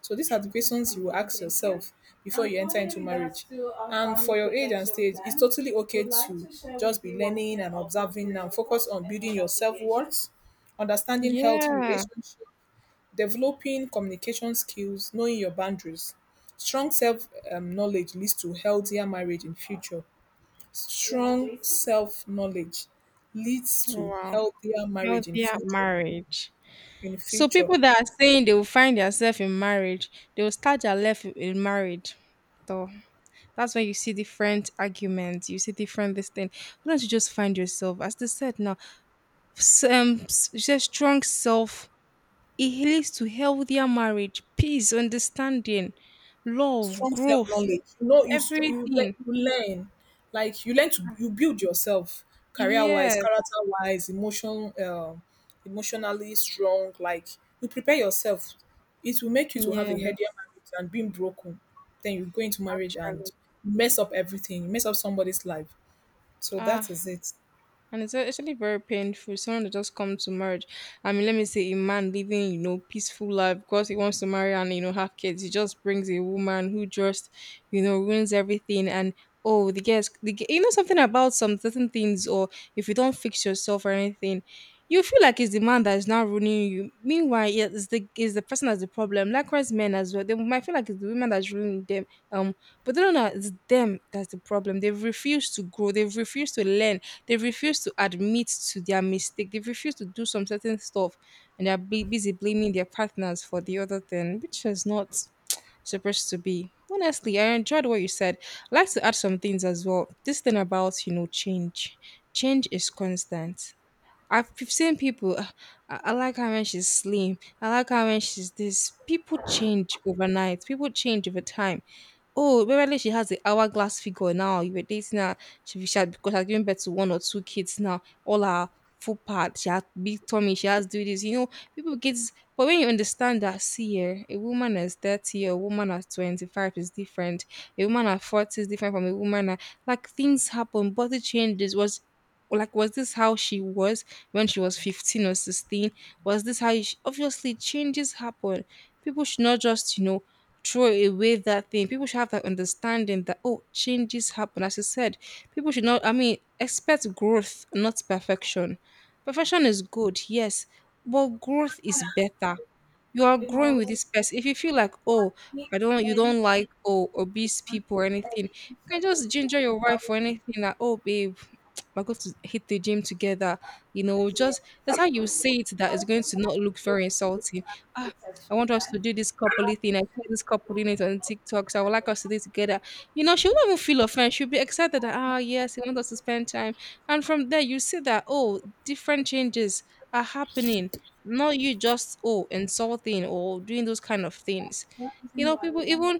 So these are the questions you will ask yourself before you enter into marriage. And for your age and stage, it's totally okay to just be learning and observing and focus on building your self worth, understanding healthy
yeah.
relationships, developing communication skills, knowing your boundaries. Strong self um, knowledge leads to healthier marriage in future. Strong self knowledge leads to
Wow,
healthier marriage in
healthier
future.
marriage.
In
So
future,
people that are saying they will find themselves in marriage, they will start their life in marriage. So that's when you see different arguments, you see different this thing. Why don't you just find yourself? As they said now, s- um, s- just strong self. It leads to healthier marriage, peace, understanding, love,
strong self
growth,
knowledge. You know, you str- you le-
everything.
you learn, like you learn to you build yourself career wise,
Yes,
character wise, emotion, um, emotionally strong. Like you prepare yourself. It will make you to have a healthier
yes,
marriage and being broken. Then you go into marriage and
actually.
mess up everything. You mess up somebody's life. So that
Ah,
is it.
and it's actually very painful. Someone that just come to marriage. I mean, let me say a man living, you know, peaceful life because he wants to marry and, you know, have kids. He just brings a woman who just, you know, ruins everything. And, oh, the girls, the, g- you know, something about some certain things, or if you don't fix yourself or anything, you feel like it's the man that is now ruining you. Meanwhile, yeah, it's the, it's the person that's the problem. Likewise, men as well. They might feel like it's the women that's ruining them. Um, but they don't know it's them that's the problem. They've refused to grow. They've refused to learn, they refuse to admit to their mistake. They refuse to do some certain stuff, and they're bu- busy blaming their partners for the other thing, which is not supposed to be. Honestly, I enjoyed what you said. I'd like to add some things as well. This thing about, you know, change, change is constant. I've seen people. "Ah, I, I like her when she's slim. I like her when she's this." People change overnight. People change over time. Oh, apparently she has the hourglass figure now. You were dating her. She, she had, because she's giving birth to one or two kids now. All her full part. She has big tummy. She has do this. You know, people get. But when you understand that, see here, a woman is thirty, a woman at twenty-five is different. A woman at forty is different from a woman at, like, things happen. Body changes. Was like, was this how she was when she was fifteen or sixteen? Was this how you sh- obviously changes happen? People should not just, you know, throw away that thing. People should have that understanding that, oh, changes happen. As you said, people should not, I mean, expect growth, not perfection. Perfection is good, yes, but growth is better. You are growing with this person. If you feel like, oh, I don't, you don't like, oh, obese people or anything, you can just ginger your wife or anything, that, oh, babe, we're going to hit the gym together. You know, just that's how you say it that is going to not look very insulting. Ah, I want us to do this coupley thing. I see this couple doing it on TikTok, so I would like us to do it together. You know, she will not even feel offended. She'll be excited that, ah, yes, you want us to spend time. And from there, you see that, oh, different changes are happening. Not you just, oh, insulting or doing those kind of things. You know, people, even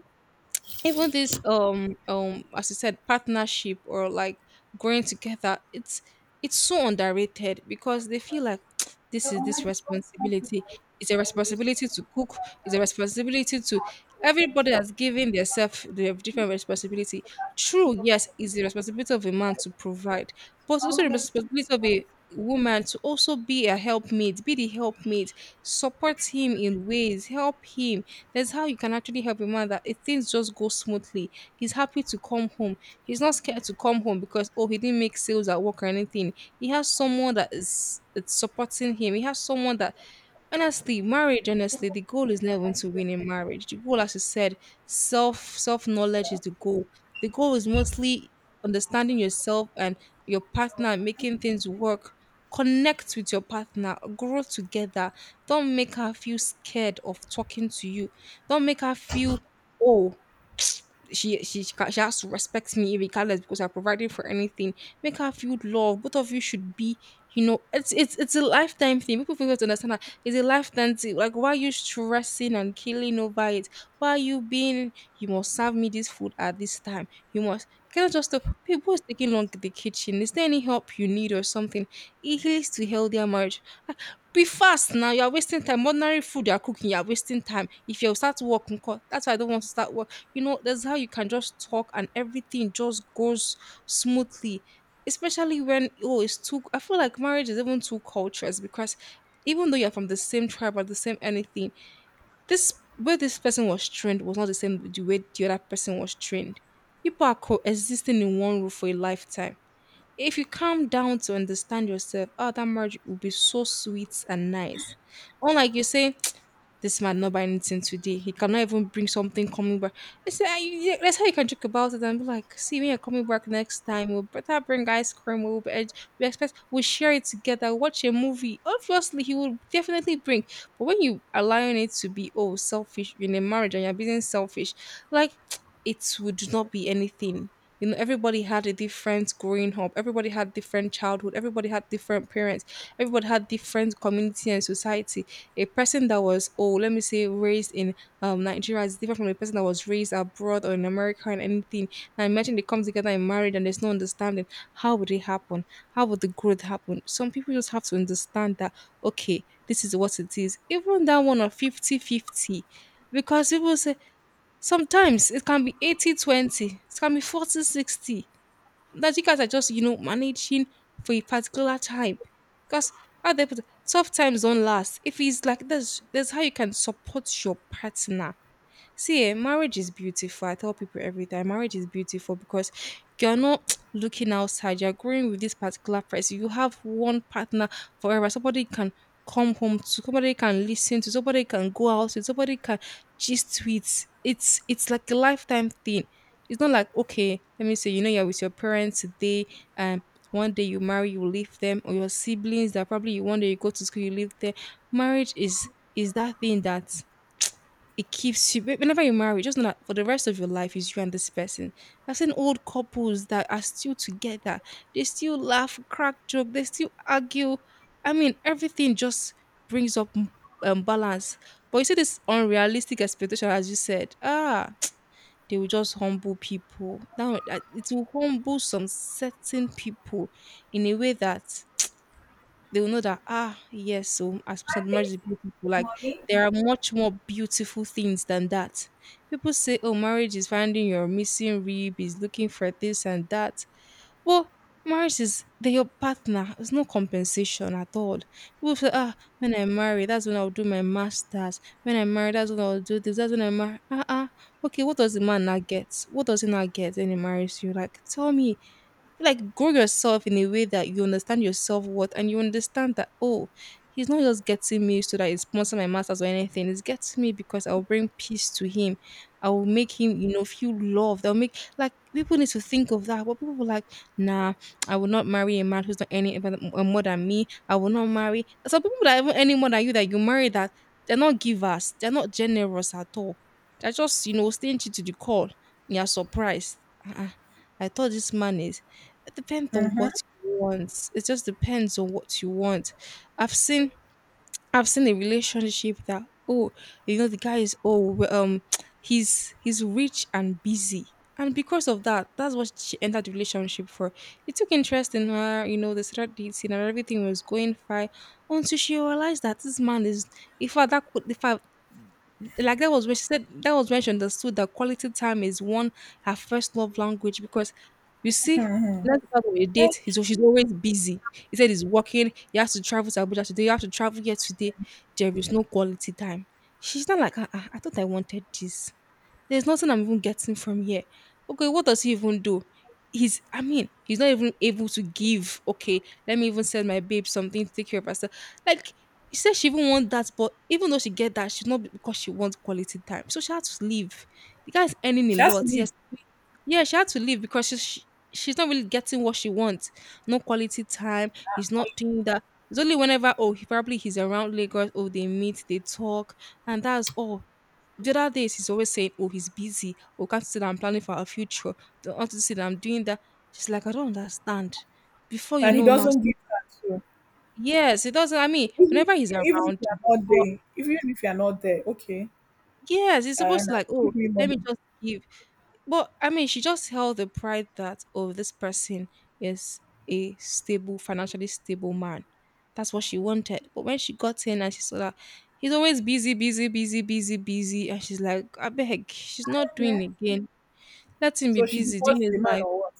even this um um as you said, partnership or, like, growing together, it's it's so underrated because they feel like this is this responsibility, it's a responsibility to cook, it's a responsibility to, everybody has given themselves the different responsibility. True, yes, it's the responsibility of a man to provide, but it's also the responsibility of a woman to also be a helpmate, be the helpmate, support him in ways, help him. There's how you can actually help a man, that if things just go smoothly, he's happy to come home. He's not scared to come home because oh, he didn't make sales at work or anything. He has someone that is it's supporting him. He has someone that. Honestly, marriage, honestly, the goal is never to win in marriage. The goal, as you said, self self knowledge is the goal. The goal is mostly understanding yourself and your partner and making things work. Connect with your partner, grow together. Don't make her feel scared of talking to you. Don't make her feel, oh, she she she, ca- she has to respect me regardless because I provided for anything. Make her feel love. Both of you should be, you know, it's it's it's a lifetime thing. People forget to understand that it's a lifetime thing. Like, why are you stressing and killing over it? Why are you being you must serve me this food at this time? You must, you cannot just stop, people is taking long in the kitchen. Is there any help you need or something? It leads to healthier marriage. Be fast now, you are wasting time. Ordinary food you are cooking, you are wasting time. If you start work, nko, that's why I don't want to start work. You know, that's how you can just talk and everything just goes smoothly. Especially when oh, it's too. I feel like marriage is even two cultures because even though you're from the same tribe or the same anything, this where this person was trained was not the same the way the other person was trained. People are coexisting in one roof for a lifetime. If you calm down to understand yourself, oh, that marriage will be so sweet and nice. Unlike you say. This man not buying anything today. He cannot even bring something coming back. I said, "Ah, you- you- that's how you can joke about it and be like, see, when you're coming back next time, we'll better bring ice cream. We'll be, we expect we'll share it together, watch a movie." Obviously, he will definitely bring. But when you allowing it to be oh selfish, you're in a marriage and you're being selfish, like, it would not be anything. You know, everybody had a different growing up, everybody had different childhood, everybody had different parents, everybody had different community and society. A person that was oh, let me say, raised in um Nigeria is different from a person that was raised abroad or in America and anything. Now imagine they come together and married and there's no understanding. How would it happen? How would the growth happen? Some people just have to understand that okay, this is what it is. Even that one of fifty-fifty, because people say sometimes it can be eighty-twenty, it can be forty sixty. That cars are just, you know, managing for a particular time. Because other tough times don't last. If it's like this, that's how you can support your partner. See, eh, marriage is beautiful. I tell people every time, marriage is beautiful because you're not looking outside. You're growing with this particular person. You have one partner forever. Somebody you can come home to. Somebody you can listen to. Somebody you can go out with. Somebody you can gist with. It's it's like a lifetime thing. It's not like okay, let me say, you know, you're with your parents today, and one day you marry, you leave them, or your siblings that probably you one day you go to school, you leave them. Marriage is is that thing that it keeps you whenever you marry, just know that for the rest of your life is you and this person. I've seen old couples that are still together. They still laugh, crack joke, they still argue. I mean, everything just brings up um, balance. But you see this unrealistic expectation, as you said, ah, they will just humble people. Now uh, it will humble some certain people in a way that they will know that ah yes, so as Saint Marys is beautiful. Like there are much more beautiful things than that. People say, oh, marriage is finding your missing rib, is looking for this and that. Well, marriage is they your partner. There's no compensation at all. People say, ah, when I marry, that's when I'll do my masters. When I marry, that's when I'll do this. That's when I marry. Ah, ah. Okay, what does the man not get? What does he not get when he marries you? Like, tell me, like grow yourself in a way that you understand your self worth and you understand that oh, he's not just getting me so that he's sponsoring my masters or anything. He's getting me because I'll bring peace to him. I will make him, you know, feel loved. I'll make, like, people need to think of that. But people were like, nah, I will not marry a man who's not any uh, more than me. I will not marry. Some people that even any more than you that you marry that they're not givers. They're not generous at all. They're just you know stingy to the core. You're surprised. Uh-uh. I thought this man is. It depends on what you want. It just depends on what you want. I've seen I've seen a relationship that, oh, you know the guy is, oh, we- um he's he's rich and busy. And because of that, that's what she entered the relationship for. He took interest in her, you know, they started dating, and everything was going fine until she realized that this man is, if fact, that could, if, like, that was when she said, that was when she understood that quality time is one, her first love language, because, you see, let's start with a
Eh,
date. He's she's always busy. He said he's working, he has to travel to Abuja today, you have to travel here today. There is no quality time. She's not like, ah, ah, I thought I wanted this. There's nothing I'm even getting from here. Okay, what does he even do? He's, I mean, he's not even able to give. Okay, let me even send my babe something to take care of herself. Like, she said she even want that, but even though she get that, she's not, because she wants quality time. So she had to leave. The guy's earning a
She has to
lot.
leave,
Yes, yeah, she had to leave because she's she, she's not really getting what she wants. No quality time. He's not doing that. It's only whenever, oh, he probably, he's around Lagos. Oh, they meet, they talk, and that's all. The other days he's always saying, oh, he's busy. Oh, can't you see that I'm planning for our future? Don't want to see that I'm doing that. She's like, I don't understand. Before you
and he
know now,
doesn't
so-
give her. So
yes, it doesn't. I mean,
even
whenever he's
even if
around,
you are not
but
there, even if you are not there, okay,
yes, he's
uh,
supposed
and
to, like, oh,
give me
let
money.
me just give. But I mean, she just held the pride that, oh, this person is a stable, financially stable man. That's what she wanted. But when she got in and she saw that he's always busy, busy, busy, busy, busy, and she's like, I beg, she's not doing again. Let him be
So she
busy doing
divorced
his
the man
life.
or what?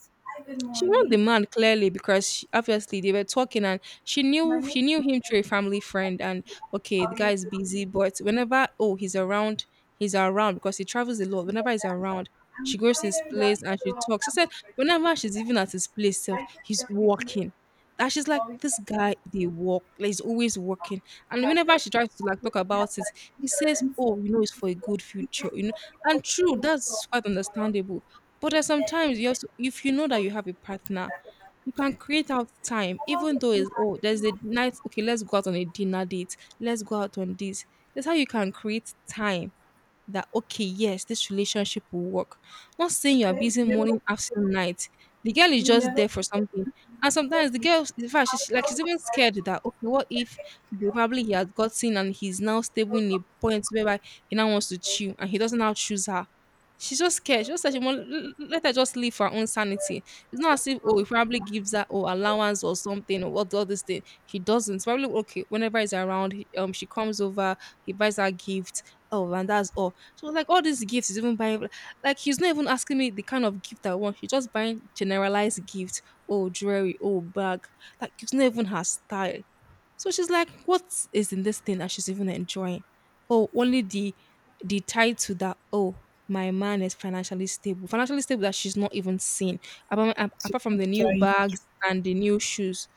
She warned the man clearly because she, obviously, they were talking, and she knew she knew him through a family friend. And okay, the guy is busy, but whenever, oh, he's around, he's around because he travels a lot. Whenever he's around, she goes to his place and she talks. She said whenever she's even at his place self, he's walking. And she's like, this guy, they walk, like, he's always walking. And whenever she tries to, like, talk about it, he says, oh, you know it's for a good future you know and true, that's quite understandable. But there's sometimes you also, if you know that you have a partner, you can create out time, even though it's, oh, there's a night, okay, let's go out on a dinner date, let's go out on this. That's how you can create time that okay, yes, this relationship will work. Not saying you are busy morning, afternoon, night. The girl is just there for something. And sometimes the girl, in fact, she's like, she's even scared that okay, what if probably he has gotten and he's now stable in a point whereby he now wants to chew and he doesn't now choose her. She's just scared. She just said she want, let her just live for her own sanity. It's not as if, oh, he probably gives her, oh, allowance or something or what, all this thing. He doesn't. Probably okay. Whenever he's around, he, um, she comes over. He buys her gift. Oh, and that's all. So, like, all these gifts is even buying, like, he's not even asking me the kind of gift I want. He's just buying generalized gifts. Oh, jewelry, oh, bag. Like, it's not even her style. So she's like, what is in this thing that she's even enjoying? Oh, only the the tie to that. Oh, my man is financially stable. Financially stable that she's not even seen. Apart,
She's
apart from
not
the new
enjoying it.
bags and the new shoes.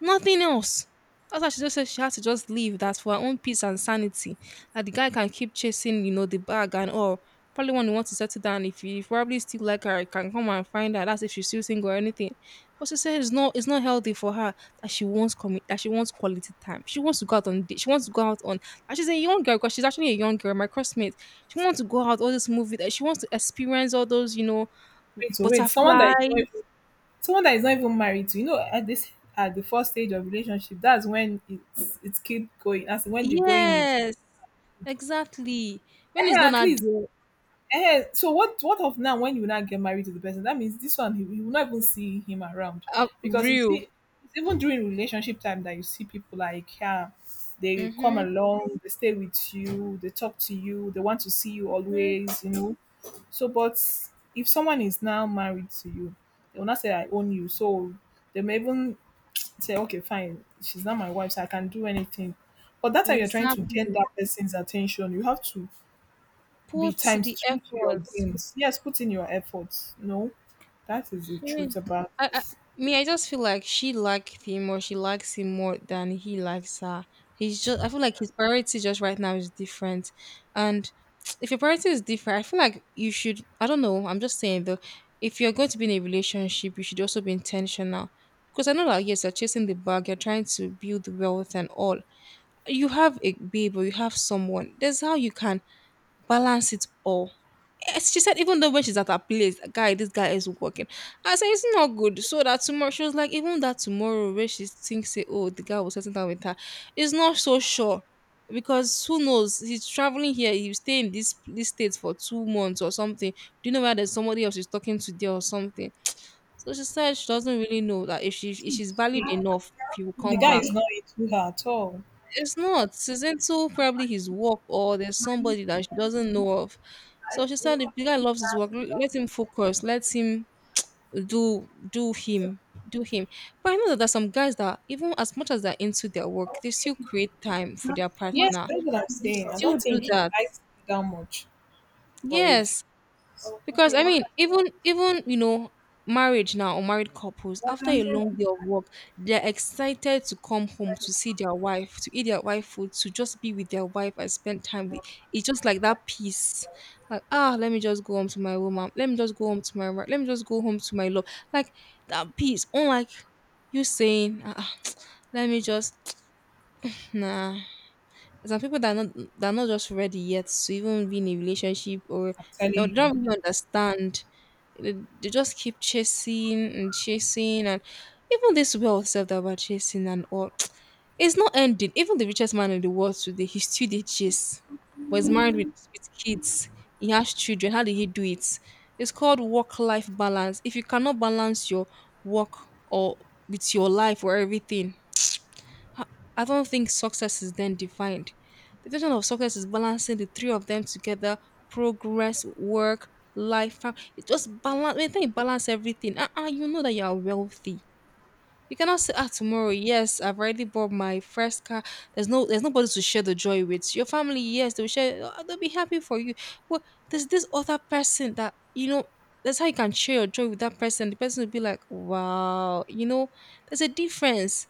Nothing else. That's why she just said she had to just leave that for her own peace and sanity. That the guy can keep chasing, you know, the bag and all. Probably when he wants to settle down, if he probably still like her, he can come and find her. That's if she's still single or anything. But she said it's not it's not healthy for her that she wants commi- that she wants quality time. She wants to go out on date. She wants to go out on, and she's a young girl, because she's actually a young girl, my crossmate. She wants to go out all this movie, that she wants to experience all those, you know,
Wait, so wait, someone that
butterflies.
is not even, someone that is not even married to, you know, at this at the first stage of relationship, that's when it's it's keep going. That's when the going is,
Yes, exactly. When it's
eh,
not
at
that
least.
dear,
Eh, so what what of now when you now get married to the person? That means this one he, you will not even see him around.
uh,
Because you
real.
see it's even during relationship time that you see people like yeah, they come
Mm-hmm.
along, they stay with you, they talk to you, they want to see you always, you know. So, but if someone is now married to you, they will not say, I own you. So they may even say, okay, fine, she's not my wife, so I can do anything. But that time you're trying to gain
Exactly.
that person's attention, you have to be
Put the
times true to your
effort.
gains. Yes, put in your efforts. No, that is the
Yeah.
truth about
I, I
this.
me, I just feel like she liked him, or she likes him more than he likes her. He's just, I feel like his priority just right now is different. And if your priority is different, I feel like you should, I don't know, I'm just saying though, if you're going to be in a relationship, you should also be intentional. Because I know that yes, you're chasing the bag, you're trying to build wealth and all. You have a babe or you have someone. That's how you can balance it all. Yes, she said even though when she's at her place, guy, this guy is working. I said it's not good. So that tomorrow she was like, even that tomorrow where she thinks, say, oh, the guy was sitting down with her, is not so sure. Because who knows? He's traveling here, he stay in this this state for two months or something. Do you know whether there's somebody else is talking to there or something? So she said she doesn't really know that if she
I
if
think
she's
the,
valued enough, he will
the
come
guy
back.
is not into her at all.
It's not. Season two, probably his work or there's somebody that she doesn't know of. So she said, if the guy loves his work, l- let him focus. Let him do do him do him. But I know that there's some guys that even as much as they're into their work, they still create time for their
Yes,
partner.
that's what I'm
They
saying. I
still
don't
do
think he
that.
likes her that much. But if
Yes, because I
I'm
mean, even even you know, marriage now or married couples after a long day of work, they're excited to come home to see their wife, to eat their wife food, to just be with their wife and spend time with. It's just like that peace, like, ah, let me just go home to my woman, let me just go home to my ri- let me just go home to my love, like that peace. Unlike you saying, ah, let me just nah, some people that are not that are not just ready yet to even be in a relationship or they
telling you.
don't really understand. They, they just keep chasing and chasing and even this wealth self that we're chasing and all it's not ending. Even the richest man in the world today, he still did chase. Was married with, with kids. He has children. How did he do it? It's called work-life balance. If you cannot balance your work or with your life or everything, I I don't think success is then defined. The definition of success is balancing the three of them together: progress, work, life. fam- It's just balance. When you think balance everything, uh, uh, you know that you are wealthy. You cannot say, ah, tomorrow, yes, I've already bought my first car. There's no, There's nobody to share the joy with. Your family, yes, they will share. Ah, they'll be happy for you. But there's this other person that you know. That's how you can share your joy with that person. The person will be like, wow, you know, there's a difference,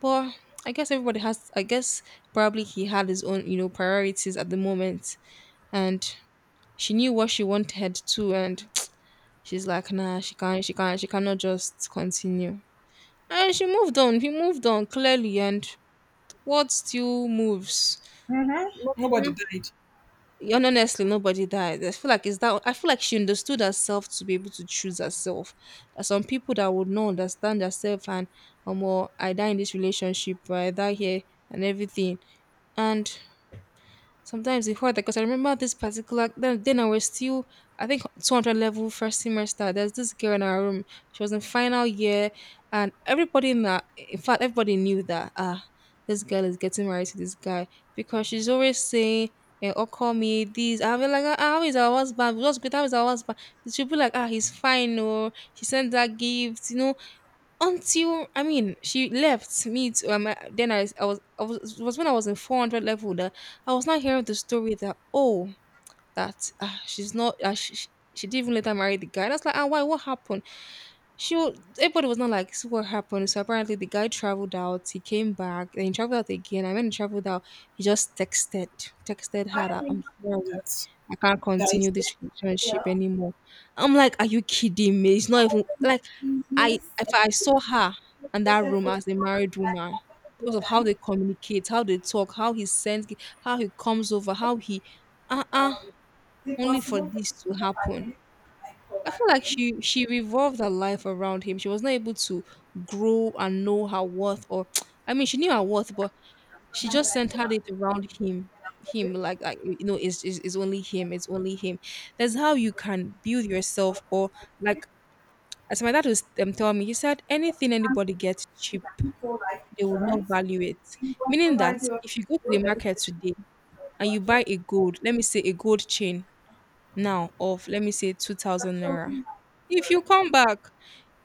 but I guess everybody has, I guess probably he had his own, you know, priorities at the moment. And she knew what she wanted too. And she's like, nah, she can't, she can't, she cannot just continue. And she moved on. He moved on clearly. And what still moves?
Mhm. Nobody
Mm.
died.
And honestly, nobody died. I feel like it's that. I feel like she understood herself to be able to choose herself. There are some people that would not understand herself and, um, well, I die in this relationship, or I die here, and everything. And sometimes it hard, because I remember this particular then, then, I was still, I think, two hundred level first semester. There's this girl in our room. She was in final year, and everybody in that in fact everybody knew that, ah, this girl is getting married to this guy, because she's always saying. Eh, or call me this. I'll be like, ah, ah, how is our husband? What's good? How is our husband? She'll be like, ah, he's fine. Or she sent that gift. You know, until, I mean, she left me. To, um, I- then I, I was, I was, it was when I was in four hundred level that I was not hearing the story that, oh, that uh, she's not, uh, she, she she didn't even later marry the guy. And I was like, ah, why? What happened? she wa- Everybody was not like, so what happened? So apparently the guy traveled out, he came back, then he traveled out again, and when he traveled out, he just texted texted her that, I'm sorry,
That's
I can't
that
continue
is
this relationship anymore. I'm like, are you kidding me? It's not even like, I if I saw her in that room as a married woman, because of how they communicate, how they talk, how he sends, gi- how he comes over, how he uh-uh, only for this to happen. I feel like she she revolved her life around him. She was not able to grow and know her worth, or I mean, she knew her worth, but she just centered it around him. Him, like, like you know, it's, it's it's only him. It's only him. That's how you can build yourself, or like, as my dad was um, telling me, he said anything anybody gets cheap, they would not value it. Meaning that if you go to the market today and you buy a gold, let me say a gold chain, now, of let me say two thousand naira, if you come back,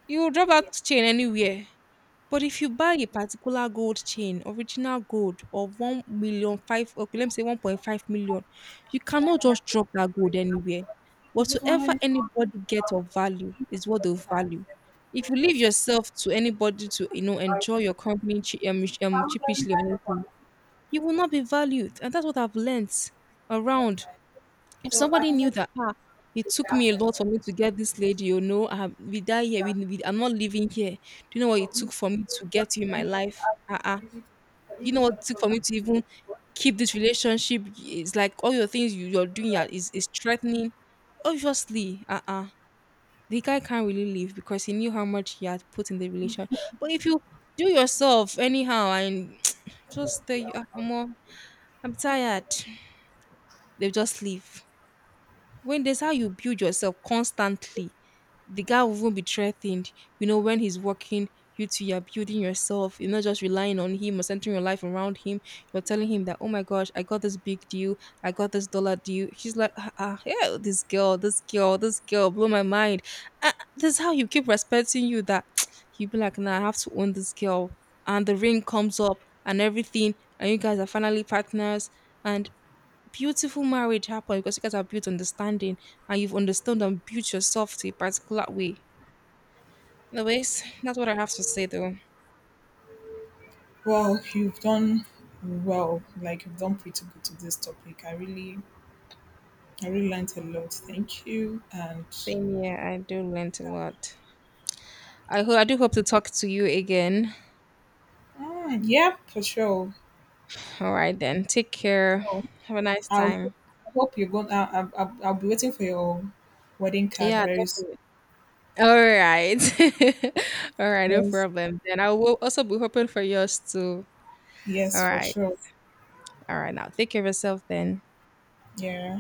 you will drop that chain anywhere. But if you buy a particular gold chain, original gold of one million, five, okay, let me say one point five million, you cannot just drop that gold anywhere. Whatsoever anybody get of value is what they value. If you leave yourself to anybody to, you know, enjoy your company che- um, sh- um, cheapishly or anything, you will not be valued. And that's what I've learnt around. If somebody knew that, ah, it took me a lot for me to get this lady, you know, I have, with that here. We, we I'm not living here. Do you know what it took for me to get you in my life? Ah, uh-uh. You know what it took for me to even keep this relationship? It's like all your things you, you're doing are- is is threatening. Obviously, uh-uh. The guy can't really leave because he knew how much he had put in the relationship. But if you do yourself anyhow and just tell you, ah, omo, I'm tired, they just leave. When there's how you build yourself constantly, the guy will even be threatened. You know, when he's working, you two, you're building yourself. You're not just relying on him or centering your life around him. You're telling him that, oh my gosh, I got this big deal. I got this dollar deal. She's like, ah, ah, yeah, this girl, this girl, this girl blew my mind. Ah, this is how you keep respecting you, that you be like, nah, I have to own this girl. And the ring comes up and everything. And you guys are finally partners. And beautiful marriage happen because you guys have built understanding and you've understood and built yourself to a particular way. Anyways, that's what I have to say though.
Well, you've done well. Like you've done pretty good to this topic. I really I really learned a lot. Thank you. And
Same here, I do learn a lot. I hope I do hope to talk to you again.
mm, yeah, for sure.
All right then. Take care.
So
Have a nice
I'll
time.
I hope you're going. I'll, I'll, I'll be waiting for your wedding card
Yeah,
very soon.
definitely. All right. All right, no
Yes,
problem. Then I will also be hoping for yours too. All
yes, for
right.
sure.
All right now. Take care of yourself then.
Yeah.